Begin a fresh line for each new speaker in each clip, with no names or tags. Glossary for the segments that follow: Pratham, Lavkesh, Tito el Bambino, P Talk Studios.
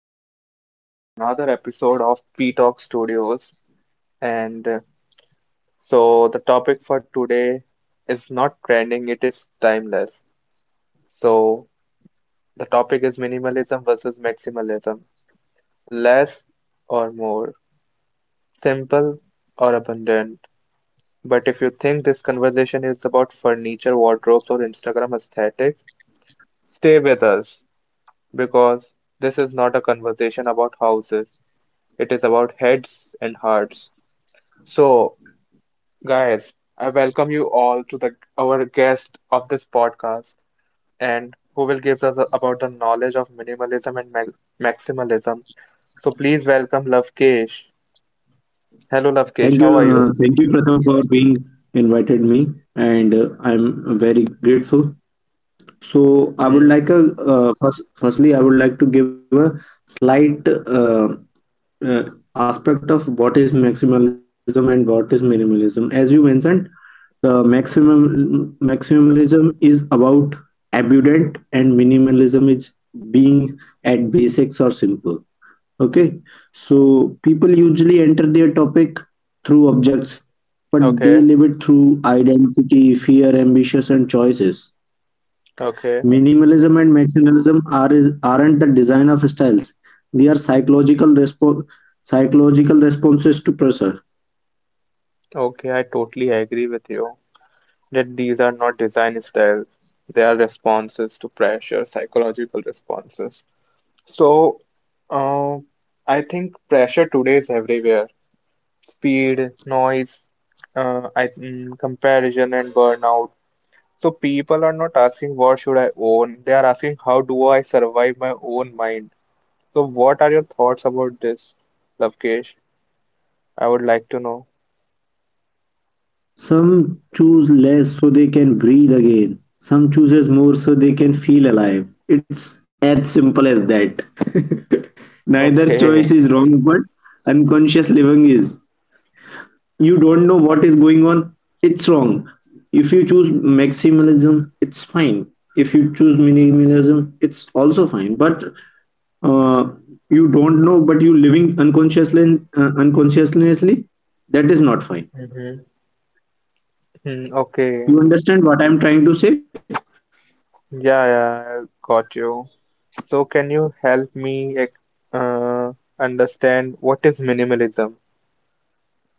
welcome you all to the another episode of P Talk Studios. And uh, so, the topic for today is not trending, it is timeless. So, the topic is minimalism versus maximalism, less or more, simple or abundant. But if you think this conversation is about furniture, wardrobes, or Instagram aesthetics, stay with us because this is not a conversation about houses, it is about heads and hearts. So, guys, I welcome you all to the our guest of this podcast and who will give us about the knowledge of minimalism and maximalism. So please welcome Lavkesh. Hello, Lavkesh. How are you?
Thank you, Pratham, for being invited me, and I'm very grateful. So I would
Hmm.
like a firstly, I would like to give a slight uh, aspect of what is maximalism and what is minimalism. As you mentioned, the maximum
Hmm.
maximalism is about abundant, and minimalism is being at basics or simple. Okay, so people usually enter their topic through objects, but they live it
Okay.
through identity, fear, ambitions, and choices.
Okay.
Minimalism and maximalism aren't the design of styles; they are psychological psychological responses to pressure.
Okay, I totally agree with you that these are not design styles. They are responses to pressure, psychological responses. So, uh, I think pressure today is everywhere, speed, noise, comparison, and burnout. So people are not asking what should I own. They are asking how do I survive my own mind. So what are your thoughts about this, Lavkesh? I would like to know.
Some choose less so they can breathe again. Some chooses more so they can feel alive. It's as simple as that. Neither
Okay.
choice is wrong, but unconscious living is. You don't know what is going on, it's wrong. If you choose maximalism it's fine, if you choose minimalism it's also fine, but uh, you don't know but you living unconsciously unconsciously, that is not fine.
Mm-hmm. Mm, okay.
You understand what I'm trying to say?
Yeah, yeah, I got you. So can you help me uh, understand what is minimalism?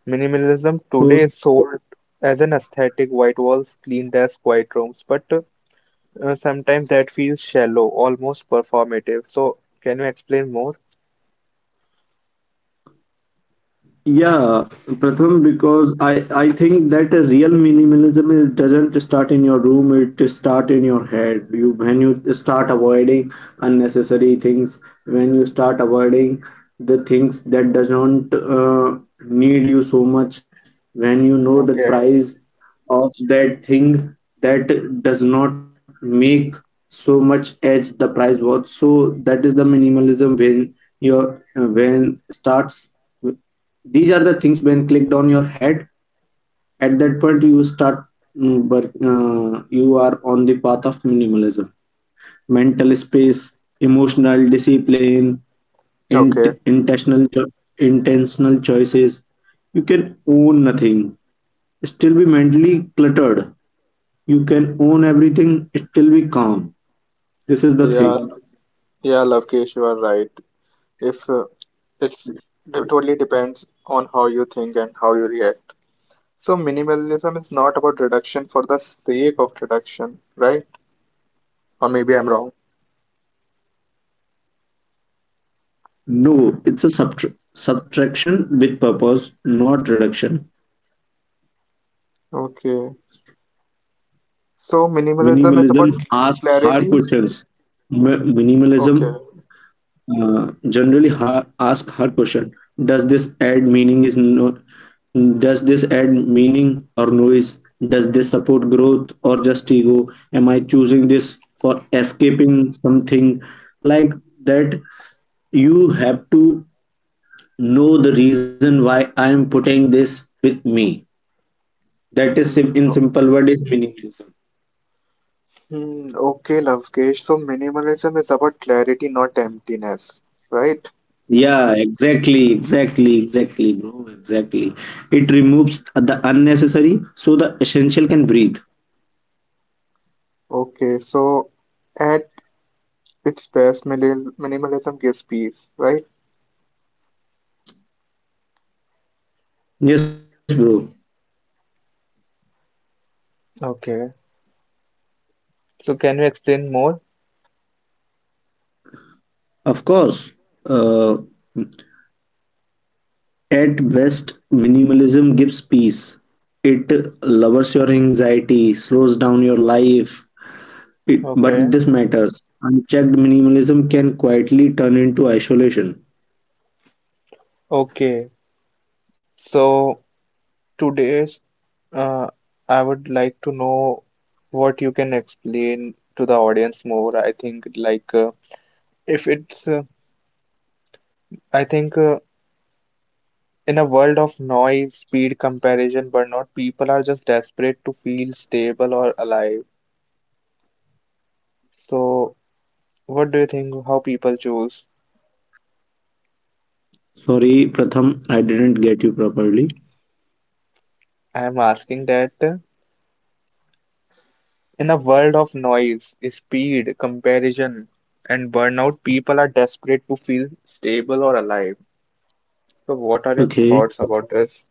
Minimalism
So
today is sold as an aesthetic, white walls, clean desks, quiet rooms, but sometimes that feels shallow, almost performative. So, can you explain more?
yeah, Pratham, because I think that a real minimalism is, doesn't start in your room, it start in your head. You when you start avoiding unnecessary things, when you start avoiding the things that doesn't need you so much, when you know the
Okay.
price of that thing that does not make so much as the price was. So that is the minimalism when your when starts. These are the things when clicked on your head, at that point you start but you are on the path of minimalism. Mental space, emotional discipline,
Okay.
int- intentional cho- intentional choices. You can own nothing, still be mentally cluttered. You can own everything, still be calm. This is the
Yeah.
thing.
Yeah, Lokesh, you are right. If it's it totally depends on how you think and how you react. So minimalism is not about reduction for the sake of reduction, right? Or maybe I'm wrong.
No, it's a subtraction with purpose, not reduction.
Okay. So minimalism is about
Minimalism asks
clarity.
hard questions.
Okay.
Minimalism generally asks hard question. Does this add meaning? Is no? Does this add meaning or noise? Does this support growth or just ego? Am I choosing this for escaping something like that? You have to know the reason why I am putting this with me. That
Hmm.
is in simple word is minimalism.
Okay, Lovekesh. So minimalism is about clarity, not emptiness, right?
Yeah, exactly, exactly, exactly, bro, exactly. It removes the unnecessary so the essential can breathe.
Okay, so at its best, minimalism gives peace, right?
Yes, bro,
Okay, so can you explain more?
of course. Uh, at best, minimalism gives peace. It lowers your anxiety, slows down your life. It, but
Okay,
this matters. Unchecked minimalism can quietly turn into isolation.
okay. So today's, uh, I would like to know what you can explain to the audience more. I think like if it's, I think In a world of noise, speed, comparison, burnout, people are just desperate to feel stable or alive. So, what do you think how people choose?
Sorry, Pratham, I didn't get you properly.
I am asking that in a world of noise, speed, comparison, and burnout, people are desperate to feel stable or alive. So, what are your
Okay.
thoughts about this?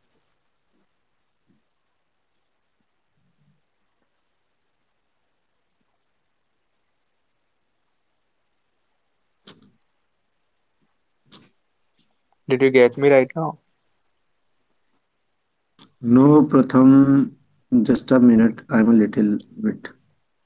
Did you get me right now?
No, Pratham, just a minute. I'm a little bit busy.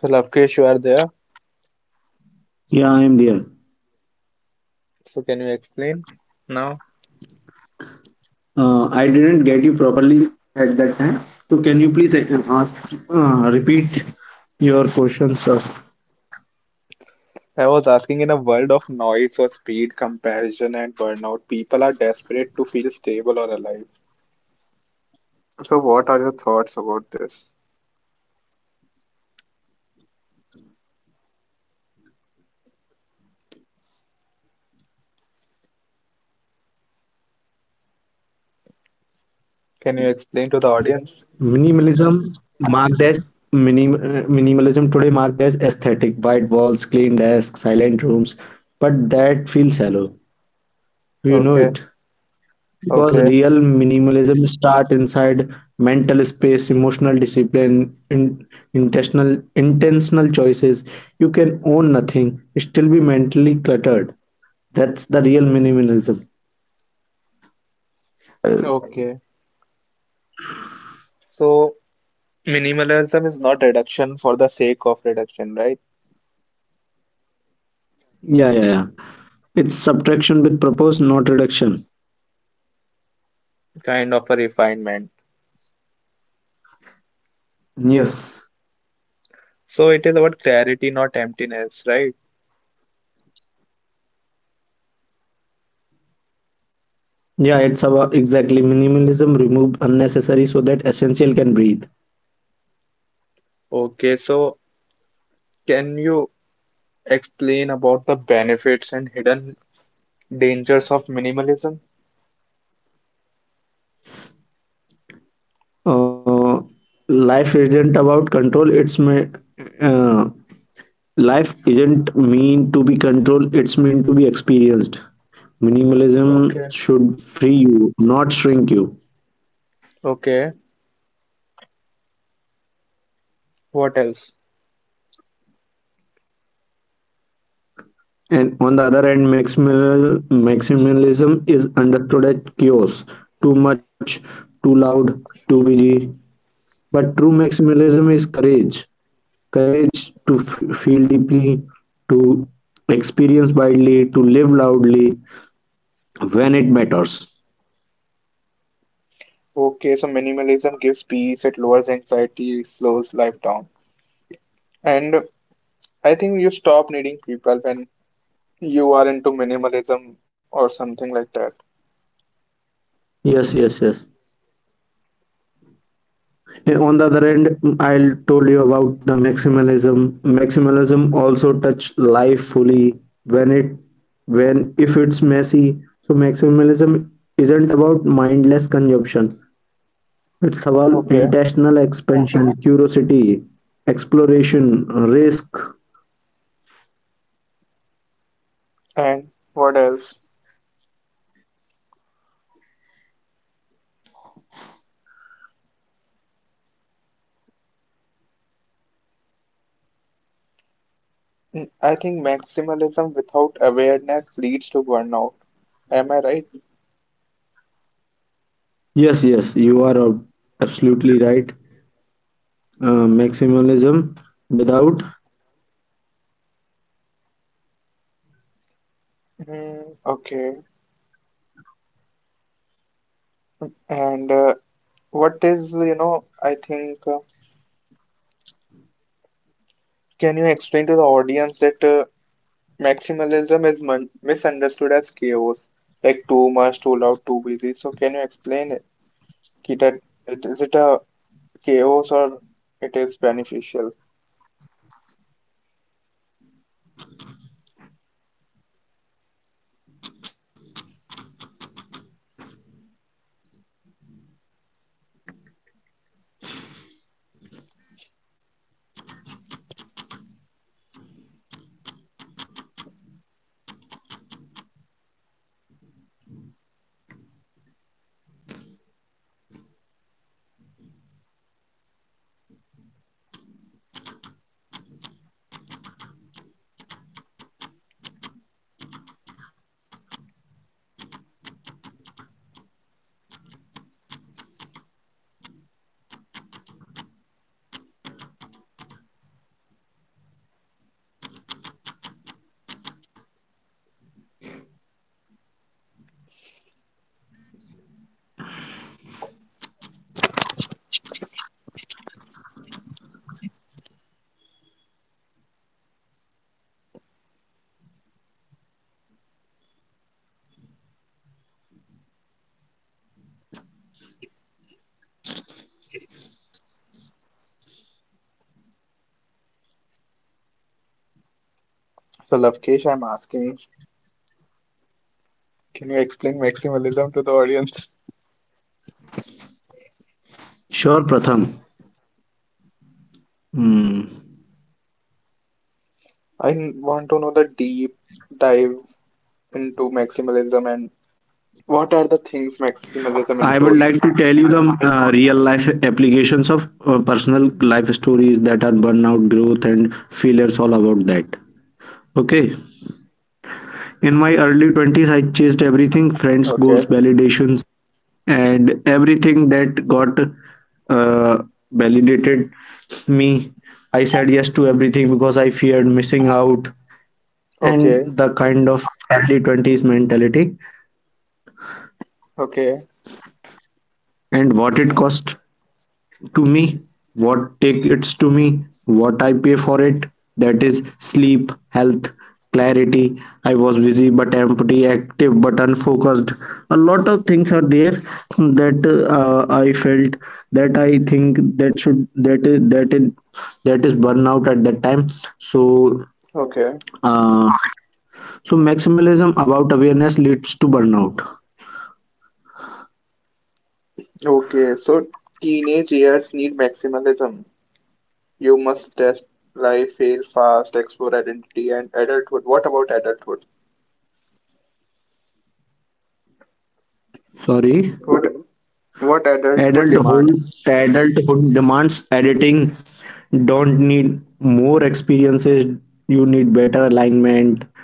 So, Lavkesh, you are there.
Yeah, I'm there.
So, can you explain now?
I didn't get you properly at that time. So can you please repeat your questions of
I was asking in a world of noise or speed, comparison, and burnout, people are desperate to feel stable or alive. So, what are your thoughts about this? Can you explain to the audience?
minimalism marked as minim, uh, minimalism today marked as aesthetic, white walls, clean desks, silent rooms, but that feels shallow. You know
Okay,
it. Because
okay,
real minimalism start inside mental space, emotional discipline, in, intentional intentional choices. You can own nothing, still be mentally cluttered. That's the real minimalism.
okay. So, minimalism is not reduction for the sake of reduction, right?
Yeah, yeah, yeah. It's subtraction with purpose, not reduction.
Kind of a refinement.
Yes.
So, it is about clarity, not emptiness, right?
Yeah, it's about exactly minimalism, remove unnecessary so that essential can breathe.
Okay, so can you explain about the benefits and hidden dangers of minimalism?
Uh, Life isn't about control, uh, Life isn't meant to be controlled, it's meant to be experienced.
Okay,
Minimalism should free you, not shrink you.
okay. What else?
And on the other hand, maximalism is understood as chaos, too much, too loud, too busy. But true maximalism is courage, to feel deeply, to experience widely, to live loudly when it matters.
Okay, so minimalism gives peace, it lowers anxiety, it slows life down. And I think you stop needing people when you are into minimalism or something like that.
Yes, yes, yes. Eh, on the other end, mm, I'll told you about the maximalism. Maximalism also touch life fully when it when if it's messy. So maximalism isn't about mindless consumption. It's
Okay,
about intentional expansion, curiosity, exploration, risk.
and what else? Mm, I think maximalism without awareness leads to burnout. Am I right?
Yes, yes, you are absolutely right. Maximalism without
Mm, okay, and what is, you know, I think, can you explain to the audience that maximalism is misunderstood as chaos, like too much, too loud, too busy. So can you explain it? Ki that- Is it a chaos or it is beneficial? So Lavkesh, I'm asking, can you explain maximalism to the audience?
sure Pratham. Hmm.
Want to know the deep dive into maximalism and what are the things
I
maximalism
would like
include?
to tell you the real life applications of personal life stories that are burnout, growth, and failures all about that. Okay. In my early 20s, I chased everything friends,
Okay,
goals, validations, and everything that got uh, validated me. I said yes to everything because I feared missing out, and
okay,
the kind of early 20s mentality
okay,
and what it cost to me, what take it's to me, what I pay for it, that is sleep, health, clarity. I was busy but empty, active but unfocused. A lot of things are there that I felt that I think that should that is that is that is burnout at that time. So
okay,
uh, so maximalism about awareness leads to burnout.
okay. So teenage years need maximalism. You must test life, fail fast, explore identity and adulthood. What about adulthood?
Sorry.
What what adulthood
Adulthood,
demands?
adulthood demands editing. Don't need more experiences. You need better alignment.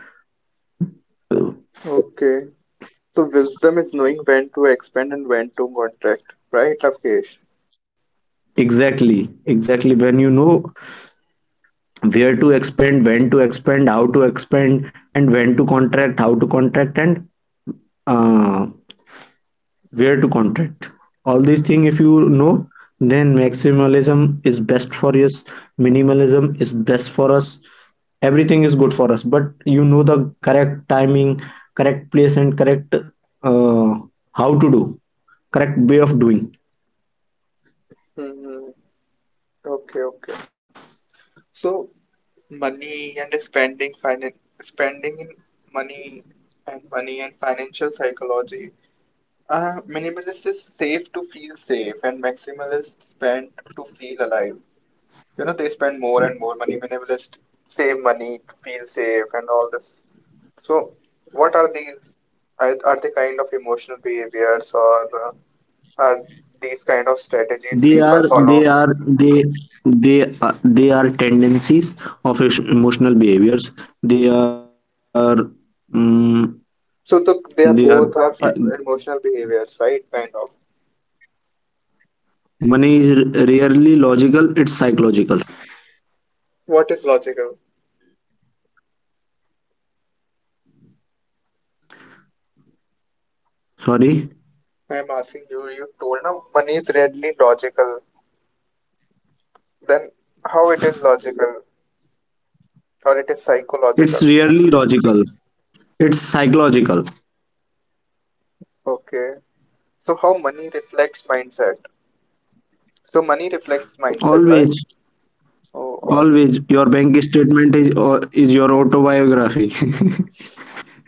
Okay. So wisdom is knowing when to expand and when to contract, right, Avkesh?
Exactly, exactly. When you know where to expand, when to expand, how to expand, and when to contract, how to contract, and uh, where to contract? All these things if you know, then maximalism is best for us, minimalism is best for us, everything is good for us. But you know the correct timing, correct place, and correct how to do, correct way of doing.
Hmm. Okay, okay. So money and spending, finan spending in money and money and financial psychology. Minimalist is safe to feel safe and maximalist spend to feel alive. You know, they spend more and more money, minimalist save money to feel safe and all this. So what are these, are they kind of emotional behaviors, or are these kind of
They
strategies
are
people
they
follow?
are they they are tendencies of emotional behaviors. They are mm
So
they are
they are both are emotional behaviors, right, kind of?
money is rarely logical; it's psychological.
What is logical?
Sorry,
I'm asking you, you told now money is readily logical, then how it is logical or it is
it's
psychological?
rarely logical. It's psychological.
Okay, so how money reflects mindset, so money reflects mindset,
Always,
right? Oh,
always, your bank statement is or is your autobiography.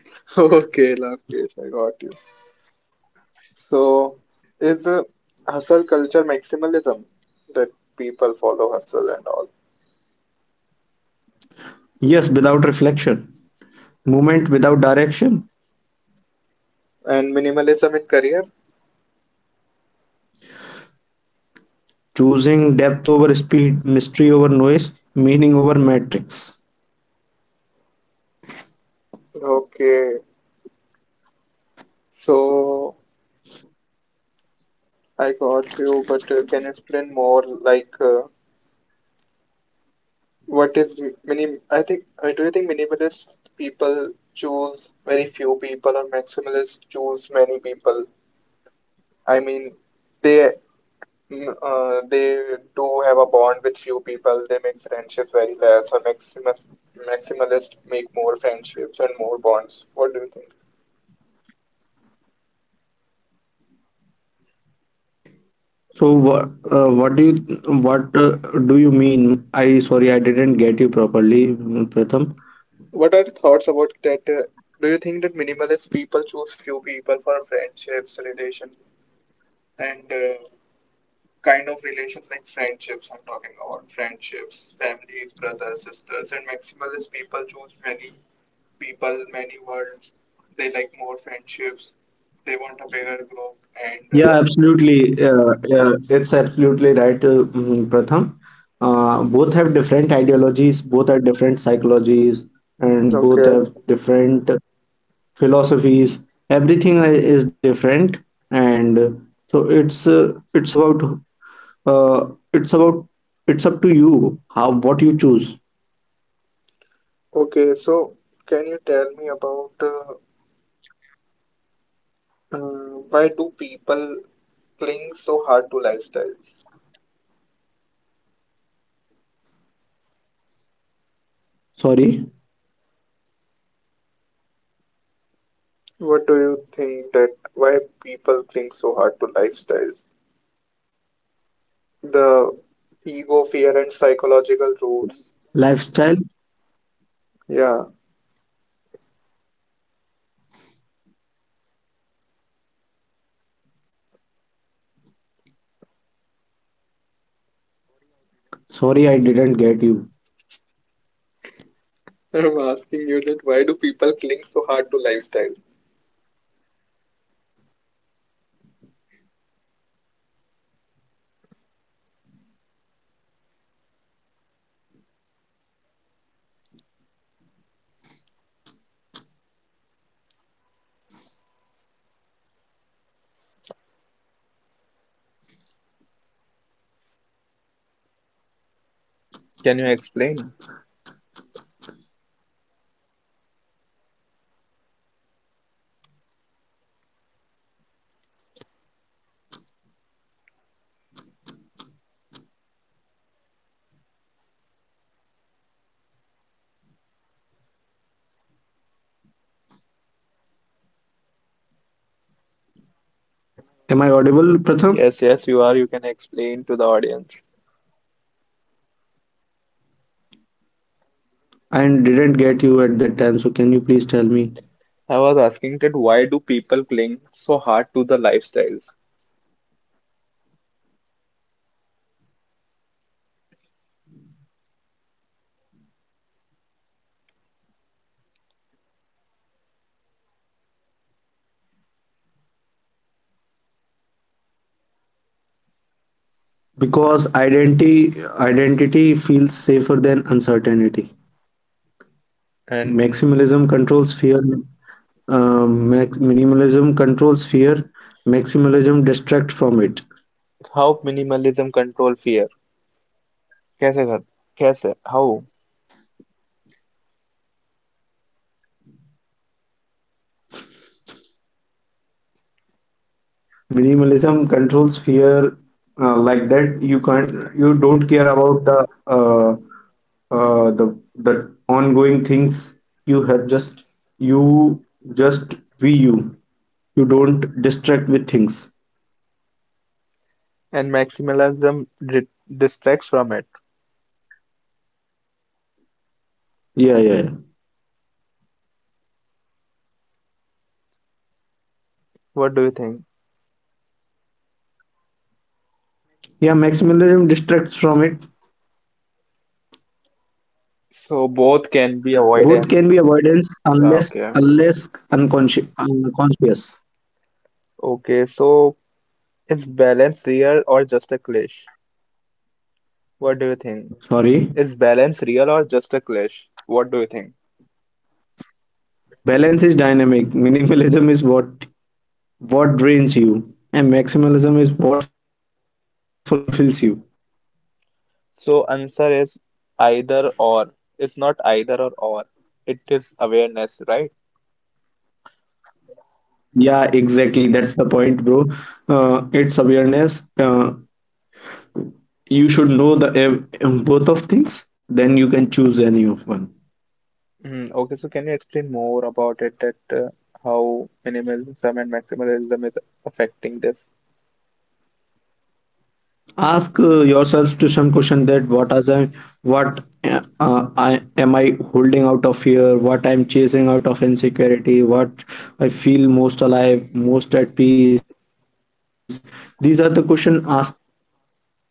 okay, Lokesh, I got you. So, is hustle culture maximalism, that people follow hustle and all,
Yes, without reflection, movement without direction,
and minimalism in career?
choosing depth over speed, mystery over noise, meaning over matrix.
Okay, so I got you, but can you explain more? Like, what is m- minim? I think, do you think minimalist people choose very few people, or maximalists choose many people? I mean, they they do have a bond with few people. They make friendships very less. A maximalist make more friendships and more bonds. What do you think?
So, what do you mean? I sorry, I didn't get you properly, Pratham.
What are your thoughts about that? Do you think that minimalist people choose few people for friendships, relation, and kind of relations like friendships? I'm talking about friendships, families, brothers, sisters, and maximalist people choose many people, many worlds. They like more friendships. They want a bigger group and.
Yeah, absolutely. It's absolutely right, Pratham. Both have different ideologies, both are different psychologies, and both
Okay,
have different philosophies. Everything is different, and so it's about uh, it's about it's up to you how what you choose.
okay. So, can you tell me about why do people cling so hard to lifestyles?
Sorry,
What do you think that why people cling so hard to lifestyles? The ego,
lifestyle.
fear, and psychological roots. Yeah,
Sorry, I didn't get you.
I'm asking you that why do people cling so hard to lifestyles? Can you explain?
Am I audible, Pratham?
Yes, yes, you are. You can explain to the audience.
I didn't get you at that time, so can you please tell me?
I was asking that why do people cling so hard to the lifestyles?
Because identity feels safer than uncertainty.
And
Maximalism controls fear. Minimalism controls fear. Maximalism distracts from it.
how minimalism control fear? कैसे कर कैसे how,
Minimalism controls fear like that. You can't. You don't care about the the ongoing things. You have just you just be you. You don't distract with things.
and maximalism di- distracts from it,
Yeah, yeah, yeah.
what do you think?
Yeah, maximalism distracts from it.
So both can be avoidance.
Both can be
Okay,
avoidance unless unless unconscious. Unconscious.
okay, so is balance real or just a clash? What do you think? Is balance real or
Sorry.
just a clash? What do you think?
Balance is dynamic. Minimalism is what drains you, and maximalism is what fulfills you.
So answer is either or, it's not either or, it is awareness, right?
Yeah, exactly. That's the point, bro. It's awareness. You should know the both of things. Then you can choose any of one.
Mm, okay, so can you explain more about it, that how minimalism and maximalism is affecting this?
Ask yourself to some question that what as I what I am I holding out of fear, what I'm chasing out of insecurity, what I feel most alive, most at peace. These are the question asked to yourself to get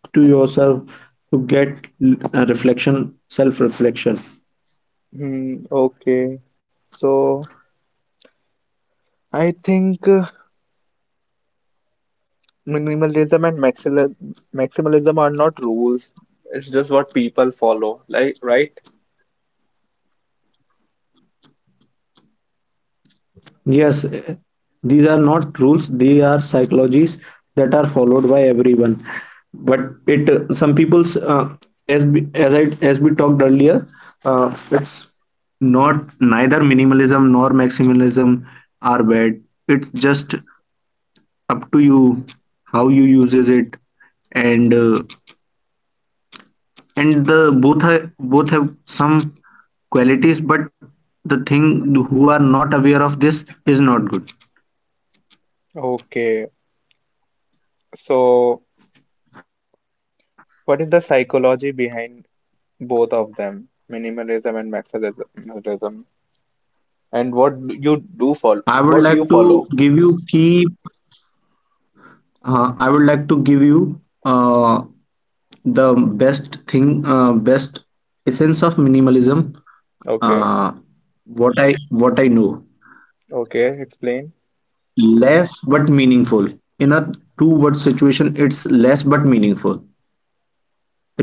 reflection, self-reflection.
Mm, okay, so I think minimalism and maximalism are not rules. It's just what people follow, like, right?
Yes, eh, these are not rules, they are psychologies that are followed by everyone. But it some people's as we talked earlier, it's not neither minimalism nor maximalism are bad. It's just up to you how you uses it, and uh, and both have some qualities but the thing who are not aware of this is not good.
Okay, so what is the psychology behind both of them, minimalism and maximalism, and what do you do follow?
I would
What
like
you
to
follow?
give you key. I would like to give you best essence of minimalism.
Okay,
Uh, what I know,
okay, explain.
less but meaningful. In a two-word situation, it's less but meaningful.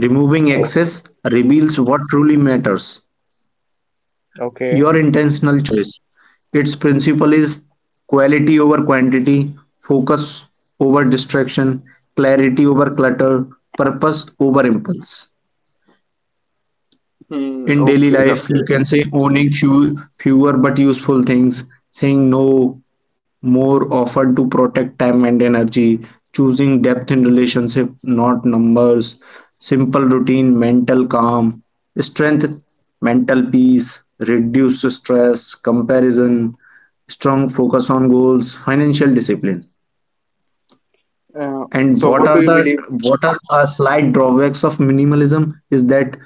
Removing
Okay.
excess reveals what truly matters.
Okay.
Your intentional choice. Its principle is quality over quantity, focus over distraction, clarity over clutter, purpose over impulse.
Hmm,
In daily
okay,
life, you can
Lokesh.
say owning fewer but useful things, saying no more often to protect time and energy, choosing depth in relationship, not numbers, simple routine, mental calm, strength, mental peace, reduced stress, comparison, strong focus on goals, financial discipline.
Uh,
And
so
what
what do
are
you
the
believe?
what are slight drawbacks of minimalism is that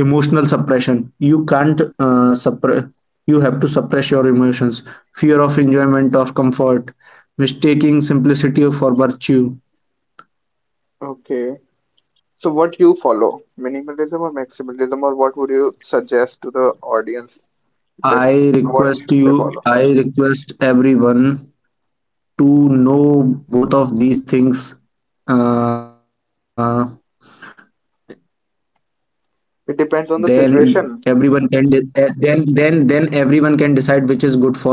emotional suppression. You can't suppress. You have to suppress your emotions, fear of enjoyment of comfort, mistaking simplicity for virtue.
Okay. So what you follow? Minimalism or maximalism, or what would you suggest to the audience that what should they follow?
I request everyone to know both of these things. Uh,
It
then
depends on the
everyone
situation.
can then everyone can decide which is good for you.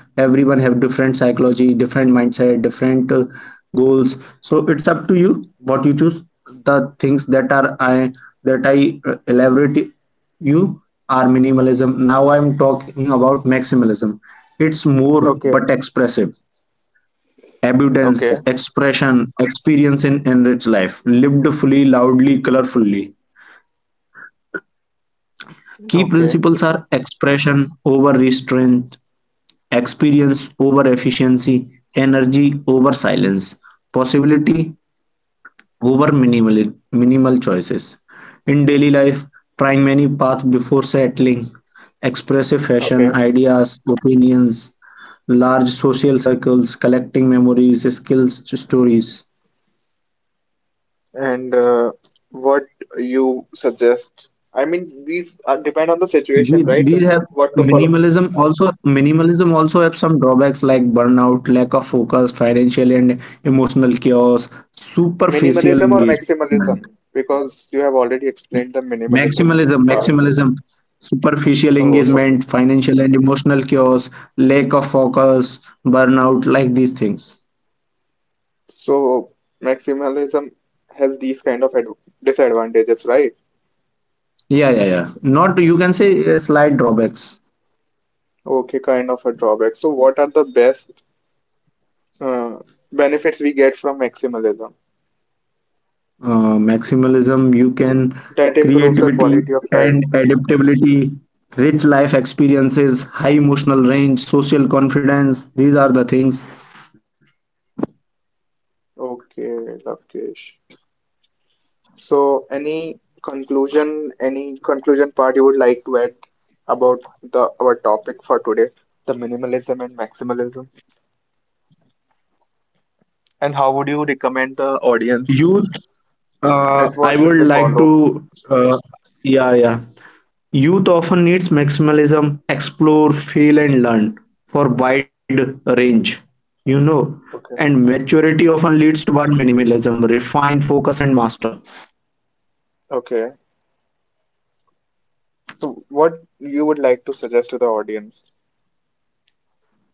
Everyone have different psychology, different mindset, different goals, so it's up to you what you choose. The things that are I that I elaborate you are minimalism, now I'm talking about maximalism. It's more
Okay.
but expressive,
Okay.
abundance, expression, experience in enriched life lived fully, loudly, colorfully. Key
Okay.
principles are expression over restraint, experience over efficiency, energy over silence, possibility over minimal choices. In daily life, trying many paths before settling, expressive
Okay.
fashion, ideas, opinions, large social circles, collecting memories, skills, stories.
And what you suggest? I mean, these are, depend on the situation, right?
These have
What to follow?
minimalism also have some drawbacks like burnout, lack of focus, financial and emotional chaos,
Minimalism
superficial
or
engagement.
maximalism? Because you have already explained the minimalism part.
Maximalism, superficial
Oh, so,
engagement, financial and emotional chaos, lack of focus, burnout, like these things.
so maximalism has these kind of ad disadvantages, right?
Yeah, yeah, yeah. Not you can say slight drawbacks.
Okay, kind of a drawback. So what are the best uh, benefits we get from maximalism
Maximalism, you can
that improves the quality
creativity
of life?
and adaptability, rich life experiences, high emotional range, social confidence. These are the things.
Okay, Lavkesh. So any conclusion part you would like to add about the our topic for today, the minimalism and maximalism, and how would you recommend the audience
Youth,
that
I
what should
would
they
like
follow?
to, yeah, yeah. Youth often needs maximalism, explore, feel, and learn for wide range, you know. And
Okay,
maturity often leads toward minimalism, refine, focus, and master.
okay. So, what you would like to suggest to the audience?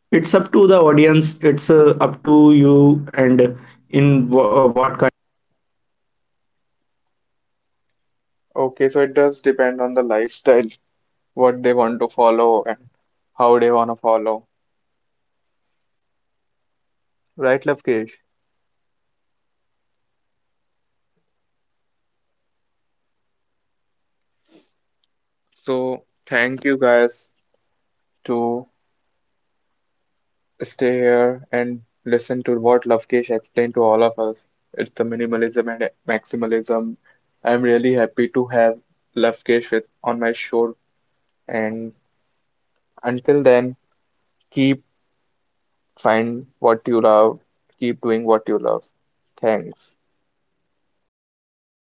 It's up to the audience, it's up to you, and what
Okay, so it does depend on the lifestyle, what they want to follow and how they want to follow. Right, Lavkesh? So, thank you guys to stay here and listen to what Lavkesh explained to all of us. It's the minimalism and maximalism. I'm really happy to have Lavkesh with on my show. And until then, keep find what you love, keep doing what you love. Thanks.